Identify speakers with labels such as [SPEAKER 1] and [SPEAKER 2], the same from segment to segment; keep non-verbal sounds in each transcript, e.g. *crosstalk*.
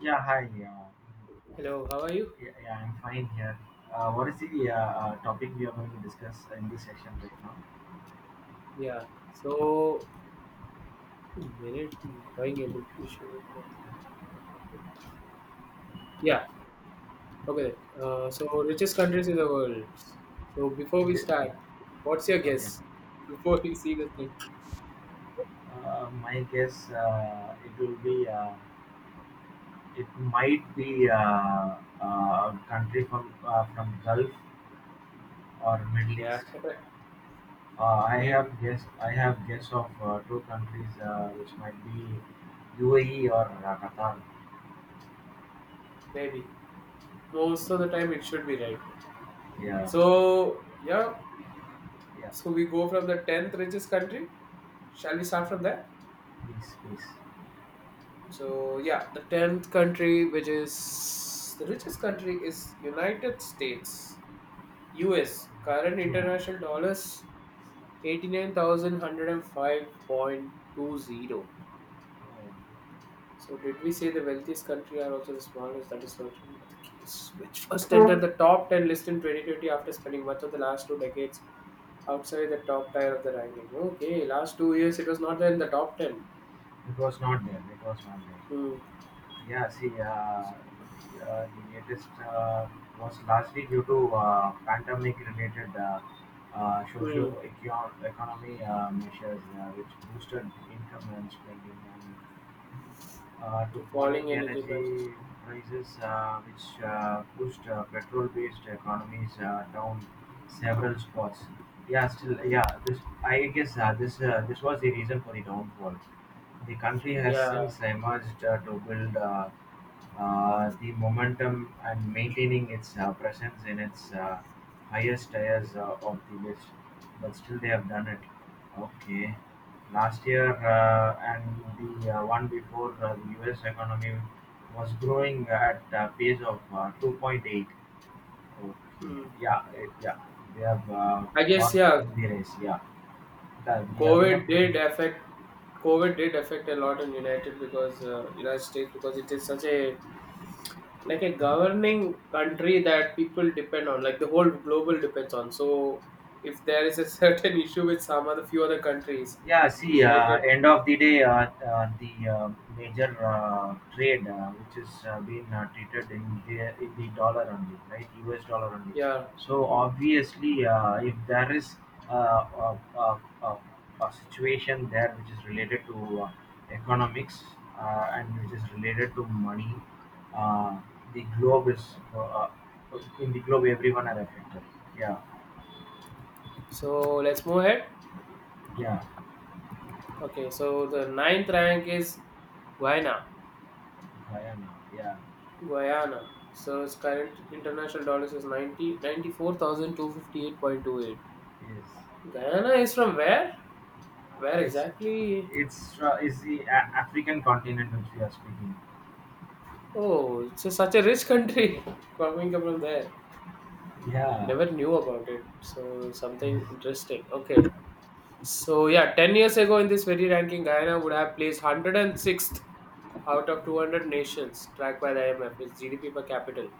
[SPEAKER 1] Yeah, hi.
[SPEAKER 2] Hello, how are you?
[SPEAKER 1] Yeah, yeah, I'm fine here. What is the topic we are going to discuss in this session right now?
[SPEAKER 2] Yeah, so minute drawing able to show. Yeah, okay. So richest countries in the world. So before
[SPEAKER 1] Is
[SPEAKER 2] we
[SPEAKER 1] it
[SPEAKER 2] start, what's your
[SPEAKER 1] okay?
[SPEAKER 2] guess? Before we see the thing.
[SPEAKER 1] My guess, it will be, it might be, a country from Gulf or Middle
[SPEAKER 2] Yeah,
[SPEAKER 1] East.
[SPEAKER 2] *laughs*
[SPEAKER 1] I
[SPEAKER 2] maybe,
[SPEAKER 1] have guess of two countries, which might be UAE or Qatar.
[SPEAKER 2] maybe. Most of the time it should be right.
[SPEAKER 1] Yeah,
[SPEAKER 2] So yeah,
[SPEAKER 1] yeah.
[SPEAKER 2] so we go from the tenth richest country. Shall we start from there?
[SPEAKER 1] Please, please.
[SPEAKER 2] So yeah, the tenth country, which is the richest country, is United States. US current
[SPEAKER 1] Yeah,
[SPEAKER 2] international dollars 89,105.20.
[SPEAKER 1] Uh,
[SPEAKER 2] So, did we say the wealthiest country are also the smallest? That is certainly not the case. Which first entered the top 10 list in 2020 after spending much of the last two decades outside the top tier of the ranking. Okay, last 2 years it was not there in the top 10.
[SPEAKER 1] it was not there. It was not there.
[SPEAKER 2] Hmm.
[SPEAKER 1] Yeah, see, the latest was largely due to pandemic-related,
[SPEAKER 2] Hmm.
[SPEAKER 1] socio-economy measures, which boosted income and spending, and to
[SPEAKER 2] To falling
[SPEAKER 1] falling
[SPEAKER 2] energy prices.
[SPEAKER 1] energy prices, which pushed, petrol-based economies down several spots. Yeah, still, yeah. This, I guess, this was the reason for the downfall. The country has
[SPEAKER 2] Yeah.
[SPEAKER 1] since emerged to build the momentum and maintaining its presence in its highest tiers of the list. But still, they have done it. Okay, last year and the one before, the U.S. economy was growing at a pace of 2.8. Okay,
[SPEAKER 2] Hmm.
[SPEAKER 1] yeah, yeah, they have
[SPEAKER 2] I guess,
[SPEAKER 1] got
[SPEAKER 2] yeah,
[SPEAKER 1] in the race. Yeah, the IMF.
[SPEAKER 2] COVID did affect COVID did affect a lot in United States because it is such a like a governing country that people depend on like the whole global depends on. So if there is a *laughs* certain issue with some other few other countries,
[SPEAKER 1] Yeah, see,
[SPEAKER 2] United
[SPEAKER 1] end of the day, the major trade which is being treated in the dollar only, right? US dollar only.
[SPEAKER 2] yeah.
[SPEAKER 1] So
[SPEAKER 2] Mm.
[SPEAKER 1] obviously, if there is uh, a, a, a, a situation there which is related to economics and which is related to money, uh, the globe is, in the globe everyone are affected. Yeah,
[SPEAKER 2] So let's move ahead.
[SPEAKER 1] yeah,
[SPEAKER 2] Okay, so the ninth rank is Guyana.
[SPEAKER 1] I am. Yeah,
[SPEAKER 2] Guyana. So its current international dollars is 94,258.28.
[SPEAKER 1] yes.
[SPEAKER 2] Guyana is from where? Where
[SPEAKER 1] It's,
[SPEAKER 2] exactly?
[SPEAKER 1] is the African continent which we are speaking.
[SPEAKER 2] Oh, it's such a rich country. *laughs* Coming from there,
[SPEAKER 1] Yeah.
[SPEAKER 2] never knew about it. So something
[SPEAKER 1] Yes.
[SPEAKER 2] interesting. Okay. So yeah, 10 years ago in this very ranking, Guyana would have placed 106th out of 200 nations tracked by the IMF, its GDP per capita.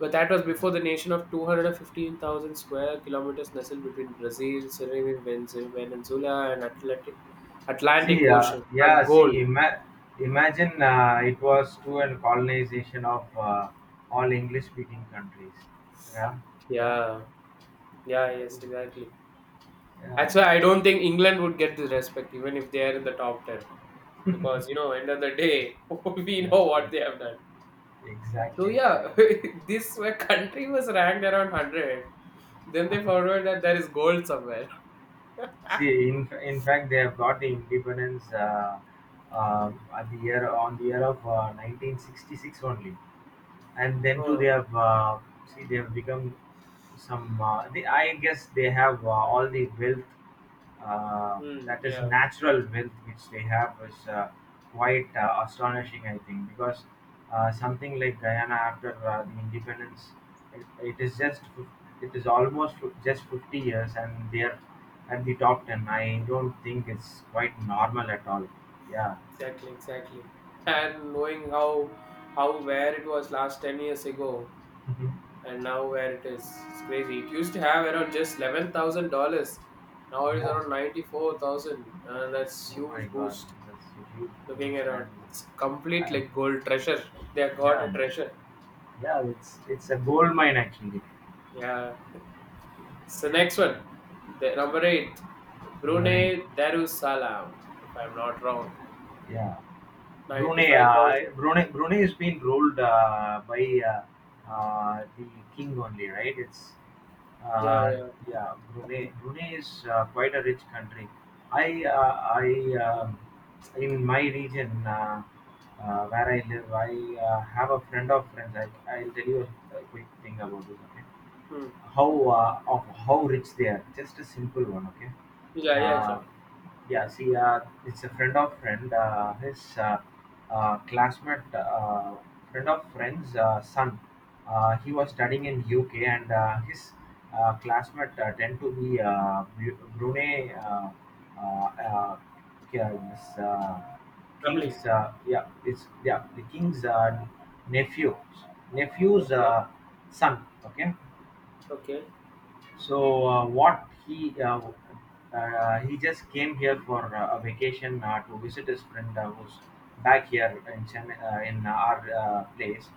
[SPEAKER 2] But that was
[SPEAKER 1] Yeah.
[SPEAKER 2] before the nation of 215,000 square kilometers nestled between Brazil, Suriname, Venezuela, and Atlantic
[SPEAKER 1] See.
[SPEAKER 2] Ocean A
[SPEAKER 1] Yeah. See.
[SPEAKER 2] gold.
[SPEAKER 1] Imagine it was to a colonization of all English-speaking countries. Yeah. Yeah.
[SPEAKER 2] Yeah, yeah,
[SPEAKER 1] I
[SPEAKER 2] yes,
[SPEAKER 1] do.
[SPEAKER 2] exactly.
[SPEAKER 1] Yeah.
[SPEAKER 2] That's why I don't think England would get the respect even if they are in the top 10. Because, end of the
[SPEAKER 1] It's,
[SPEAKER 2] day, *laughs* we
[SPEAKER 1] yeah.
[SPEAKER 2] know
[SPEAKER 1] Yeah.
[SPEAKER 2] what they have done. So,
[SPEAKER 1] Exactly.
[SPEAKER 2] yeah,
[SPEAKER 1] Exactly.
[SPEAKER 2] *laughs* this where country was ranked around 100. Then they found out that there is gold somewhere. *laughs*
[SPEAKER 1] See. In fact, they have got the independence, at the year of 1966 only. And then too they
[SPEAKER 2] Oh,
[SPEAKER 1] have, see, they have become some, they, I guess they have all the wealth, uh,
[SPEAKER 2] hmm,
[SPEAKER 1] that is
[SPEAKER 2] yeah,
[SPEAKER 1] natural wealth which they have is quite astonishing, I think, because something like Guyana, after the independence, it is just fif- it is almost fif- just 50 years and they are at the top 10. I don't think it's quite normal at all. Yeah,
[SPEAKER 2] exactly, exactly.
[SPEAKER 1] yeah.
[SPEAKER 2] And knowing how where it was last 10 years ago,
[SPEAKER 1] Mhm.
[SPEAKER 2] and now where it is, it's crazy. It used to have around just $11,000. Now it is
[SPEAKER 1] Yeah.
[SPEAKER 2] around 94,000, and that's
[SPEAKER 1] Oh my
[SPEAKER 2] huge
[SPEAKER 1] God,
[SPEAKER 2] boost.
[SPEAKER 1] that's a huge
[SPEAKER 2] Looking
[SPEAKER 1] post,
[SPEAKER 2] around,
[SPEAKER 1] and
[SPEAKER 2] it's complete
[SPEAKER 1] and
[SPEAKER 2] like gold treasure. They have got
[SPEAKER 1] yeah,
[SPEAKER 2] a treasure,
[SPEAKER 1] yeah, it's a gold mine actually.
[SPEAKER 2] yeah. *laughs* So next one, the number eight,
[SPEAKER 1] Number eight,
[SPEAKER 2] Brunei Darussalam, if I'm not wrong,
[SPEAKER 1] yeah.
[SPEAKER 2] ninety five thousand
[SPEAKER 1] Brunei is being ruled by the king only, right? It's,
[SPEAKER 2] Yeah,
[SPEAKER 1] uh,
[SPEAKER 2] yeah.
[SPEAKER 1] yeah, Brunei. Brunei is quite a rich country. I uh, I um in my region, where I live, I have a friend of friends. I'll tell you a quick thing about this. Okay,
[SPEAKER 2] Hmm.
[SPEAKER 1] how how rich they are. Just a simple one, okay?
[SPEAKER 2] Yeah, yeah, sure.
[SPEAKER 1] Uh, yeah, see, it's a friend of friend. His, classmate, friend of friend's son. He was studying
[SPEAKER 2] Hmm.
[SPEAKER 1] in UK, and his classmate tend to be Brunei. Uh, uh, yeah, this,
[SPEAKER 2] Family.
[SPEAKER 1] king's, yeah, it's yeah, the king's nephew nephew's
[SPEAKER 2] Okay,
[SPEAKER 1] son. Okay,
[SPEAKER 2] okay.
[SPEAKER 1] so what he just came here for a vacation to visit his friend who's back here in Chennai, in our place.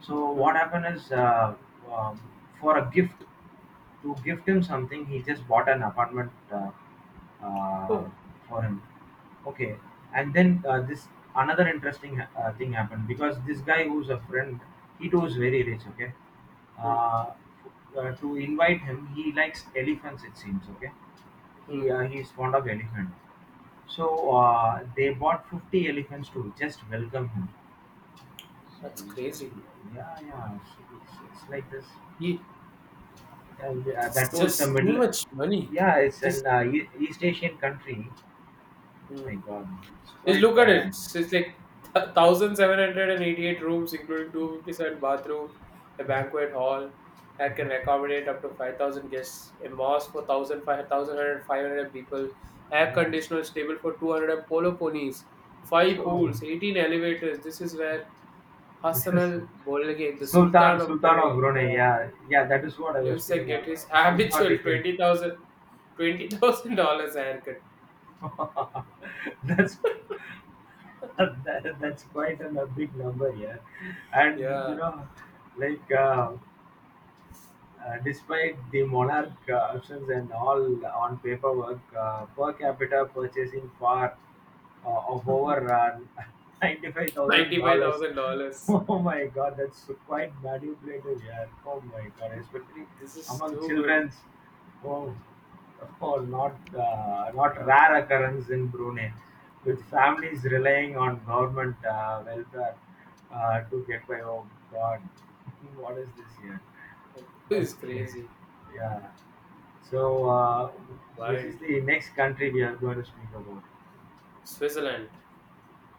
[SPEAKER 1] So what
[SPEAKER 2] Hmm.
[SPEAKER 1] happened is, um, for a gift to gift him something, he just bought an apartment uh,
[SPEAKER 2] Oh.
[SPEAKER 1] for him. Okay, and then this, another interesting thing happened, because this guy who's a friend, he too is very rich. Okay,
[SPEAKER 2] Hmm.
[SPEAKER 1] uh, to invite him. He likes elephants, it seems. Okay,
[SPEAKER 2] Hmm.
[SPEAKER 1] he's fond of elephant. So they bought 50 elephants to just welcome him. So
[SPEAKER 2] That's
[SPEAKER 1] you just,
[SPEAKER 2] crazy.
[SPEAKER 1] yeah, yeah, so it's like this.
[SPEAKER 2] Ye-
[SPEAKER 1] And
[SPEAKER 2] It's
[SPEAKER 1] that too, it's a
[SPEAKER 2] just too
[SPEAKER 1] middle.
[SPEAKER 2] much money.
[SPEAKER 1] Yeah, it's
[SPEAKER 2] Just,
[SPEAKER 1] an, East Asian country. Oh my
[SPEAKER 2] mm.
[SPEAKER 1] God, it's
[SPEAKER 2] just
[SPEAKER 1] quite,
[SPEAKER 2] look at it. It's just like 1788 rooms, including 257 bathrooms, a banquet hall that can accommodate up to 5000 guests, a mosque for 1,500 people, air
[SPEAKER 1] yeah.
[SPEAKER 2] conditioner stable for 200 polo ponies, five
[SPEAKER 1] So
[SPEAKER 2] pools, 18 elevators. This is where
[SPEAKER 1] this
[SPEAKER 2] Hassan
[SPEAKER 1] is
[SPEAKER 2] al Bolkiah, the
[SPEAKER 1] Sultan
[SPEAKER 2] Sultan of
[SPEAKER 1] Sultan of
[SPEAKER 2] Brunei,
[SPEAKER 1] Brunei.
[SPEAKER 2] yeah.
[SPEAKER 1] Yeah, yeah, that is what I was
[SPEAKER 2] Lives and
[SPEAKER 1] speaking.
[SPEAKER 2] get his
[SPEAKER 1] About. He's not
[SPEAKER 2] habitual
[SPEAKER 1] the king.
[SPEAKER 2] twenty thousand dollars haircut.
[SPEAKER 1] *laughs* That's, *laughs* that's quite an, a big number. Yeah, and,
[SPEAKER 2] Yeah,
[SPEAKER 1] like uh, despite the monarch absence and all on paperwork, per capita purchasing power of over, *laughs*
[SPEAKER 2] ninety five
[SPEAKER 1] $95,000.
[SPEAKER 2] thousand dollars.
[SPEAKER 1] Oh my God, that's quite manipulative here. Oh my God, especially
[SPEAKER 2] This is
[SPEAKER 1] among
[SPEAKER 2] too good.
[SPEAKER 1] children's. Oh, oh not rare occurrence in Brunei, with families relying on government welfare to get by. Oh God, *laughs* what is this here?
[SPEAKER 2] This is
[SPEAKER 1] Okay.
[SPEAKER 2] crazy,
[SPEAKER 1] Yeah. So, which is
[SPEAKER 2] wild.
[SPEAKER 1] the next country we are going to speak about?
[SPEAKER 2] Switzerland.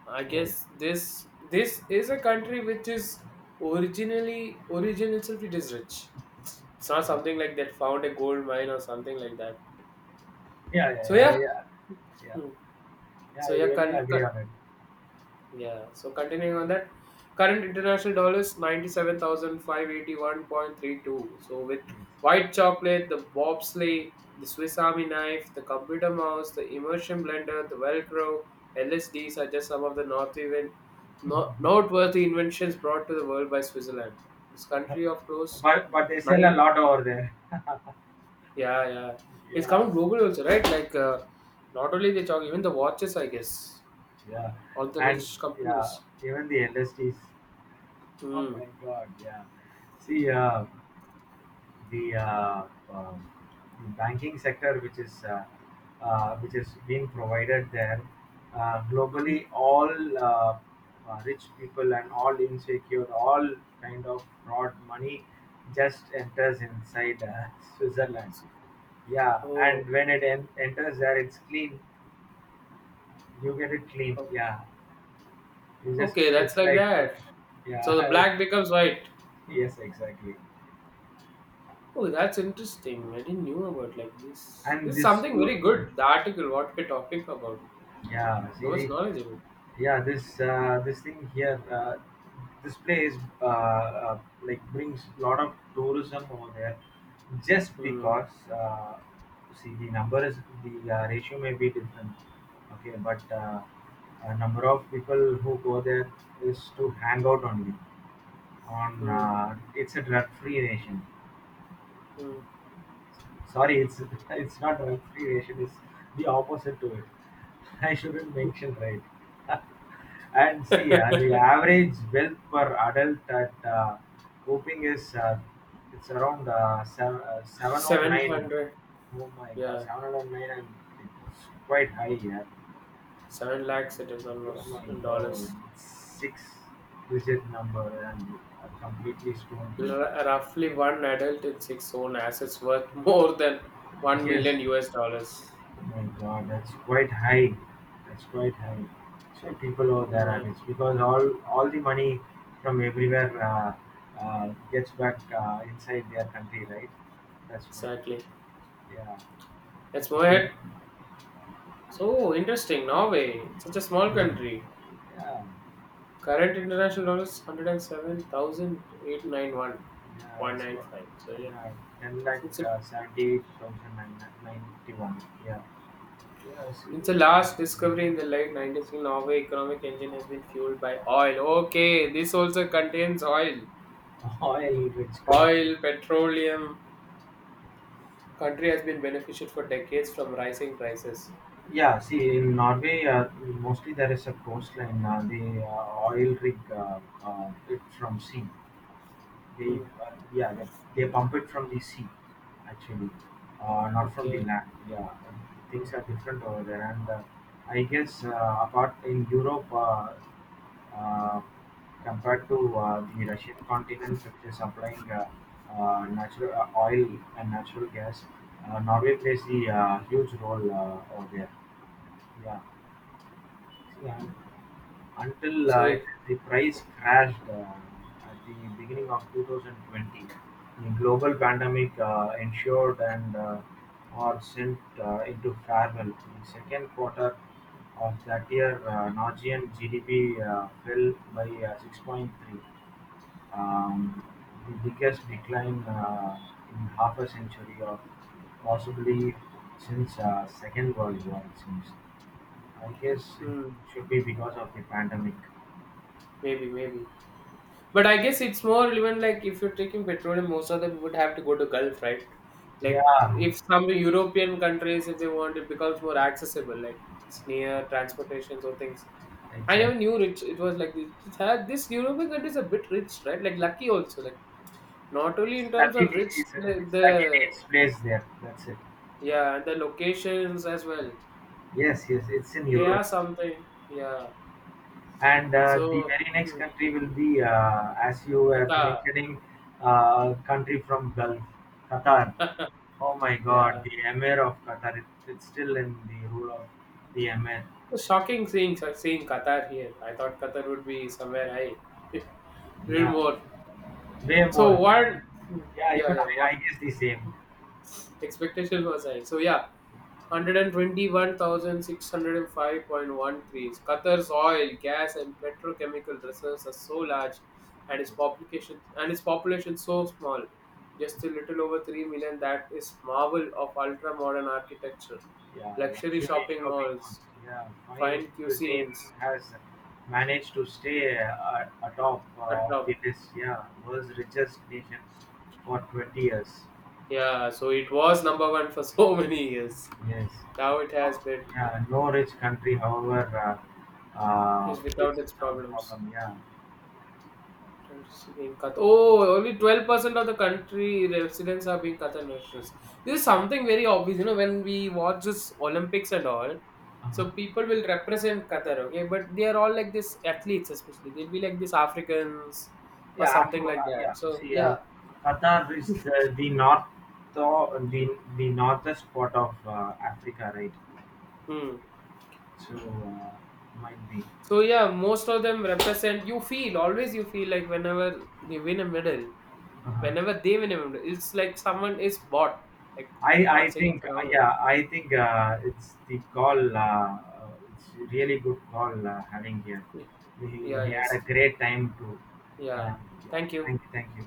[SPEAKER 2] I
[SPEAKER 1] Oh,
[SPEAKER 2] guess this is a country which is origin itself it is rich. It's not
[SPEAKER 1] yeah.
[SPEAKER 2] something like that found a gold mine or something like that.
[SPEAKER 1] Yeah, yeah,
[SPEAKER 2] So yeah.
[SPEAKER 1] yeah. Yeah, yeah.
[SPEAKER 2] Hmm.
[SPEAKER 1] Yeah, I
[SPEAKER 2] So yeah,
[SPEAKER 1] really agree on it.
[SPEAKER 2] Yeah. So continuing on that, current international dollar is 97,581.32. So with
[SPEAKER 1] Yes.
[SPEAKER 2] white chocolate, the bobsleigh, the Swiss Army knife, the computer mouse, the immersion blender, the Velcro, LSDs are just some of the north even noteworthy inventions brought to the world by Switzerland. This country of close
[SPEAKER 1] But they sell a
[SPEAKER 2] nine,
[SPEAKER 1] lot over there. *laughs*
[SPEAKER 2] yeah, yeah, it's
[SPEAKER 1] Yeah,
[SPEAKER 2] coming global also, right? Like not only the chocolate, even the watches, I guess,
[SPEAKER 1] yeah.
[SPEAKER 2] all the
[SPEAKER 1] And
[SPEAKER 2] rich
[SPEAKER 1] yeah,
[SPEAKER 2] companies.
[SPEAKER 1] even the LSTs. Oh
[SPEAKER 2] Hmm.
[SPEAKER 1] my God, yeah. See, the um, banking sector which is, which is being provided there,
[SPEAKER 2] Hmm.
[SPEAKER 1] globally, all rich people and all insecure, all kind of fraud money just enters inside, *laughs* Switzerland. Yeah,
[SPEAKER 2] Oh,
[SPEAKER 1] and when enters there, it's clean. You get it clean.
[SPEAKER 2] o-
[SPEAKER 1] Yeah, you just,
[SPEAKER 2] okay, that's
[SPEAKER 1] it's
[SPEAKER 2] like
[SPEAKER 1] like,
[SPEAKER 2] that. So the
[SPEAKER 1] yeah.
[SPEAKER 2] black becomes white.
[SPEAKER 1] *laughs* Yes, exactly.
[SPEAKER 2] Oh, that's interesting. I didn't knew about like this.
[SPEAKER 1] And
[SPEAKER 2] This is
[SPEAKER 1] this
[SPEAKER 2] something very
[SPEAKER 1] too.
[SPEAKER 2] good. The article, what we're talking about,
[SPEAKER 1] Yeah,
[SPEAKER 2] so
[SPEAKER 1] see
[SPEAKER 2] much
[SPEAKER 1] the
[SPEAKER 2] knowledgeable.
[SPEAKER 1] yeah, this thing here, this place, like, brings a lot of tourism over there, just
[SPEAKER 2] Hmm.
[SPEAKER 1] because, see, the number is, the ratio may be different. Okay, but a number of people who go there is to hang out only on,
[SPEAKER 2] Hmm.
[SPEAKER 1] it's a drug free nation.
[SPEAKER 2] Hmm.
[SPEAKER 1] Sorry, it's *laughs* it's not recreation. It's the opposite to it. *laughs* I shouldn't mention, right. *laughs* And see, the
[SPEAKER 2] *laughs*
[SPEAKER 1] average wealth per adult at, Coping is, it's around, seven oh
[SPEAKER 2] Seven
[SPEAKER 1] nine.
[SPEAKER 2] hundred.
[SPEAKER 1] Oh my God,
[SPEAKER 2] Yeah,
[SPEAKER 1] 709, and it's quite high. Yeah.
[SPEAKER 2] seven lakhs. It is
[SPEAKER 1] Oh my
[SPEAKER 2] almost in
[SPEAKER 1] God,
[SPEAKER 2] dollars.
[SPEAKER 1] it's six digit number and completely stoned. Here.
[SPEAKER 2] Roughly one adult in six own assets worth *laughs* more than one
[SPEAKER 1] Yes,
[SPEAKER 2] million US dollars.
[SPEAKER 1] my God, that's quite high. That's quite high. So people over
[SPEAKER 2] Hmm,
[SPEAKER 1] there are
[SPEAKER 2] yeah,
[SPEAKER 1] rich because all the money from everywhere gets back inside their country, right? That's why.
[SPEAKER 2] exactly.
[SPEAKER 1] Yeah.
[SPEAKER 2] Let's move
[SPEAKER 1] Okay.
[SPEAKER 2] ahead. So interesting. Norway, such a small
[SPEAKER 1] Hmm.
[SPEAKER 2] country.
[SPEAKER 1] Yeah.
[SPEAKER 2] Current international dollars one hundred and seven thousand eight nine one
[SPEAKER 1] Yeah.
[SPEAKER 2] point nine five. So yeah,
[SPEAKER 1] Yeah. 10 lakh,
[SPEAKER 2] since the,
[SPEAKER 1] seventy-eight thousand nine ninety-one. Yeah. Yeah. See,
[SPEAKER 2] since the
[SPEAKER 1] uh,
[SPEAKER 2] last discovery in the late nineties, Norway economic engine has been fueled by oil. Okay, this also contains oil.
[SPEAKER 1] *laughs* oil-rich country.
[SPEAKER 2] Oil, petroleum. Country has been benefited for decades from rising prices.
[SPEAKER 1] Yeah, see, in Norway, mostly there is a coastline. The oil rig, it from sea. They,
[SPEAKER 2] Hmm.
[SPEAKER 1] they pump it from the sea, actually, not from the
[SPEAKER 2] Okay.
[SPEAKER 1] land. Yeah, things are different over there. And I guess, apart in Europe, uh, compared to the Russian continent, which is supplying natural oil and natural gas, Norway plays the huge role over there. Yeah. See, until, it,
[SPEAKER 2] So
[SPEAKER 1] the price crashed at the beginning of 2020, the global pandemic ensured and or sent into farewell. The second quarter of that year, Norwegian GDP fell by 6.3, um, the biggest decline in half a century, or possibly since Second World War, it seems. I guess
[SPEAKER 2] hmm.
[SPEAKER 1] it should be because of the pandemic.
[SPEAKER 2] maybe. But I guess it's more relevant like if you're taking petroleum, most of them would have to go to Gulf, right? Like
[SPEAKER 1] Yeah,
[SPEAKER 2] if some European countries, if they want, it becomes more accessible. Like it's near transportations or things. I never
[SPEAKER 1] exactly.
[SPEAKER 2] knew rich. It was like this. This European country is a bit rich, right? Like lucky also. Like not only in terms of rich,
[SPEAKER 1] It's
[SPEAKER 2] the,
[SPEAKER 1] luckily
[SPEAKER 2] the
[SPEAKER 1] it's placed there. That's it.
[SPEAKER 2] yeah, the locations as well.
[SPEAKER 1] Yes, yes, it's in
[SPEAKER 2] They are
[SPEAKER 1] Europe,
[SPEAKER 2] something. Yeah.
[SPEAKER 1] and the
[SPEAKER 2] So
[SPEAKER 1] very next
[SPEAKER 2] hmm,
[SPEAKER 1] country will be, as you were
[SPEAKER 2] Qatar.
[SPEAKER 1] mentioning, country from Gulf, Qatar.
[SPEAKER 2] *laughs*
[SPEAKER 1] Oh my God,
[SPEAKER 2] Yeah.
[SPEAKER 1] the Emir of Qatar. It's still in the rule of the Emir.
[SPEAKER 2] It's shocking seeing Qatar here. I thought Qatar would be somewhere high, *laughs* little
[SPEAKER 1] Yeah,
[SPEAKER 2] more.
[SPEAKER 1] way
[SPEAKER 2] So
[SPEAKER 1] more.
[SPEAKER 2] what?
[SPEAKER 1] Yeah,
[SPEAKER 2] Yeah,
[SPEAKER 1] even
[SPEAKER 2] yeah. What
[SPEAKER 1] I guess the same.
[SPEAKER 2] expectation was high? So yeah, 121,605.13. Qatar's oil, gas, and petrochemical reserves are so large, and its population so small, just a little over 3 million. That is marvel of ultra-modern architecture,
[SPEAKER 1] Yeah,
[SPEAKER 2] luxury
[SPEAKER 1] luxury
[SPEAKER 2] shopping
[SPEAKER 1] shopping malls.
[SPEAKER 2] malls,
[SPEAKER 1] Yeah, fine
[SPEAKER 2] fine
[SPEAKER 1] cuisine
[SPEAKER 2] cuisines,
[SPEAKER 1] has managed to stay atop of the
[SPEAKER 2] etc.
[SPEAKER 1] list. Yeah, world's richest nation for 20 years.
[SPEAKER 2] Yeah, so it was number one for so *laughs* many years.
[SPEAKER 1] Yes.
[SPEAKER 2] Now it has
[SPEAKER 1] No,
[SPEAKER 2] been
[SPEAKER 1] yeah, no rich country, however,
[SPEAKER 2] is without
[SPEAKER 1] it's
[SPEAKER 2] its
[SPEAKER 1] not a
[SPEAKER 2] problems.
[SPEAKER 1] problem. Yeah.
[SPEAKER 2] It's Being Qatar. Oh, only 12% of the country residents are being Qatar nationals. This is something very obvious, when we watch this Olympics and all. So
[SPEAKER 1] Uh-huh.
[SPEAKER 2] people will represent Qatar, okay? But they are all like this athletes, especially. They'll be like this Africans or
[SPEAKER 1] Yeah,
[SPEAKER 2] something
[SPEAKER 1] after,
[SPEAKER 2] like that.
[SPEAKER 1] yeah.
[SPEAKER 2] So,
[SPEAKER 1] See,
[SPEAKER 2] yeah.
[SPEAKER 1] Qatar is the, north, the, the northest part of Africa, right?
[SPEAKER 2] Hmm.
[SPEAKER 1] So might be.
[SPEAKER 2] So yeah, most of them represent. You feel always. You feel like whenever they win a medal,
[SPEAKER 1] Uh-huh.
[SPEAKER 2] it's like someone is bought. Like
[SPEAKER 1] I I
[SPEAKER 2] not saying
[SPEAKER 1] think
[SPEAKER 2] it's wrong
[SPEAKER 1] yeah I think uh, it's the call, it's really good call having here.
[SPEAKER 2] way.
[SPEAKER 1] We,
[SPEAKER 2] Yeah.
[SPEAKER 1] we had
[SPEAKER 2] Yes.
[SPEAKER 1] a great time too.
[SPEAKER 2] Yeah.
[SPEAKER 1] And yeah,
[SPEAKER 2] Thank you.
[SPEAKER 1] thank you, thank you.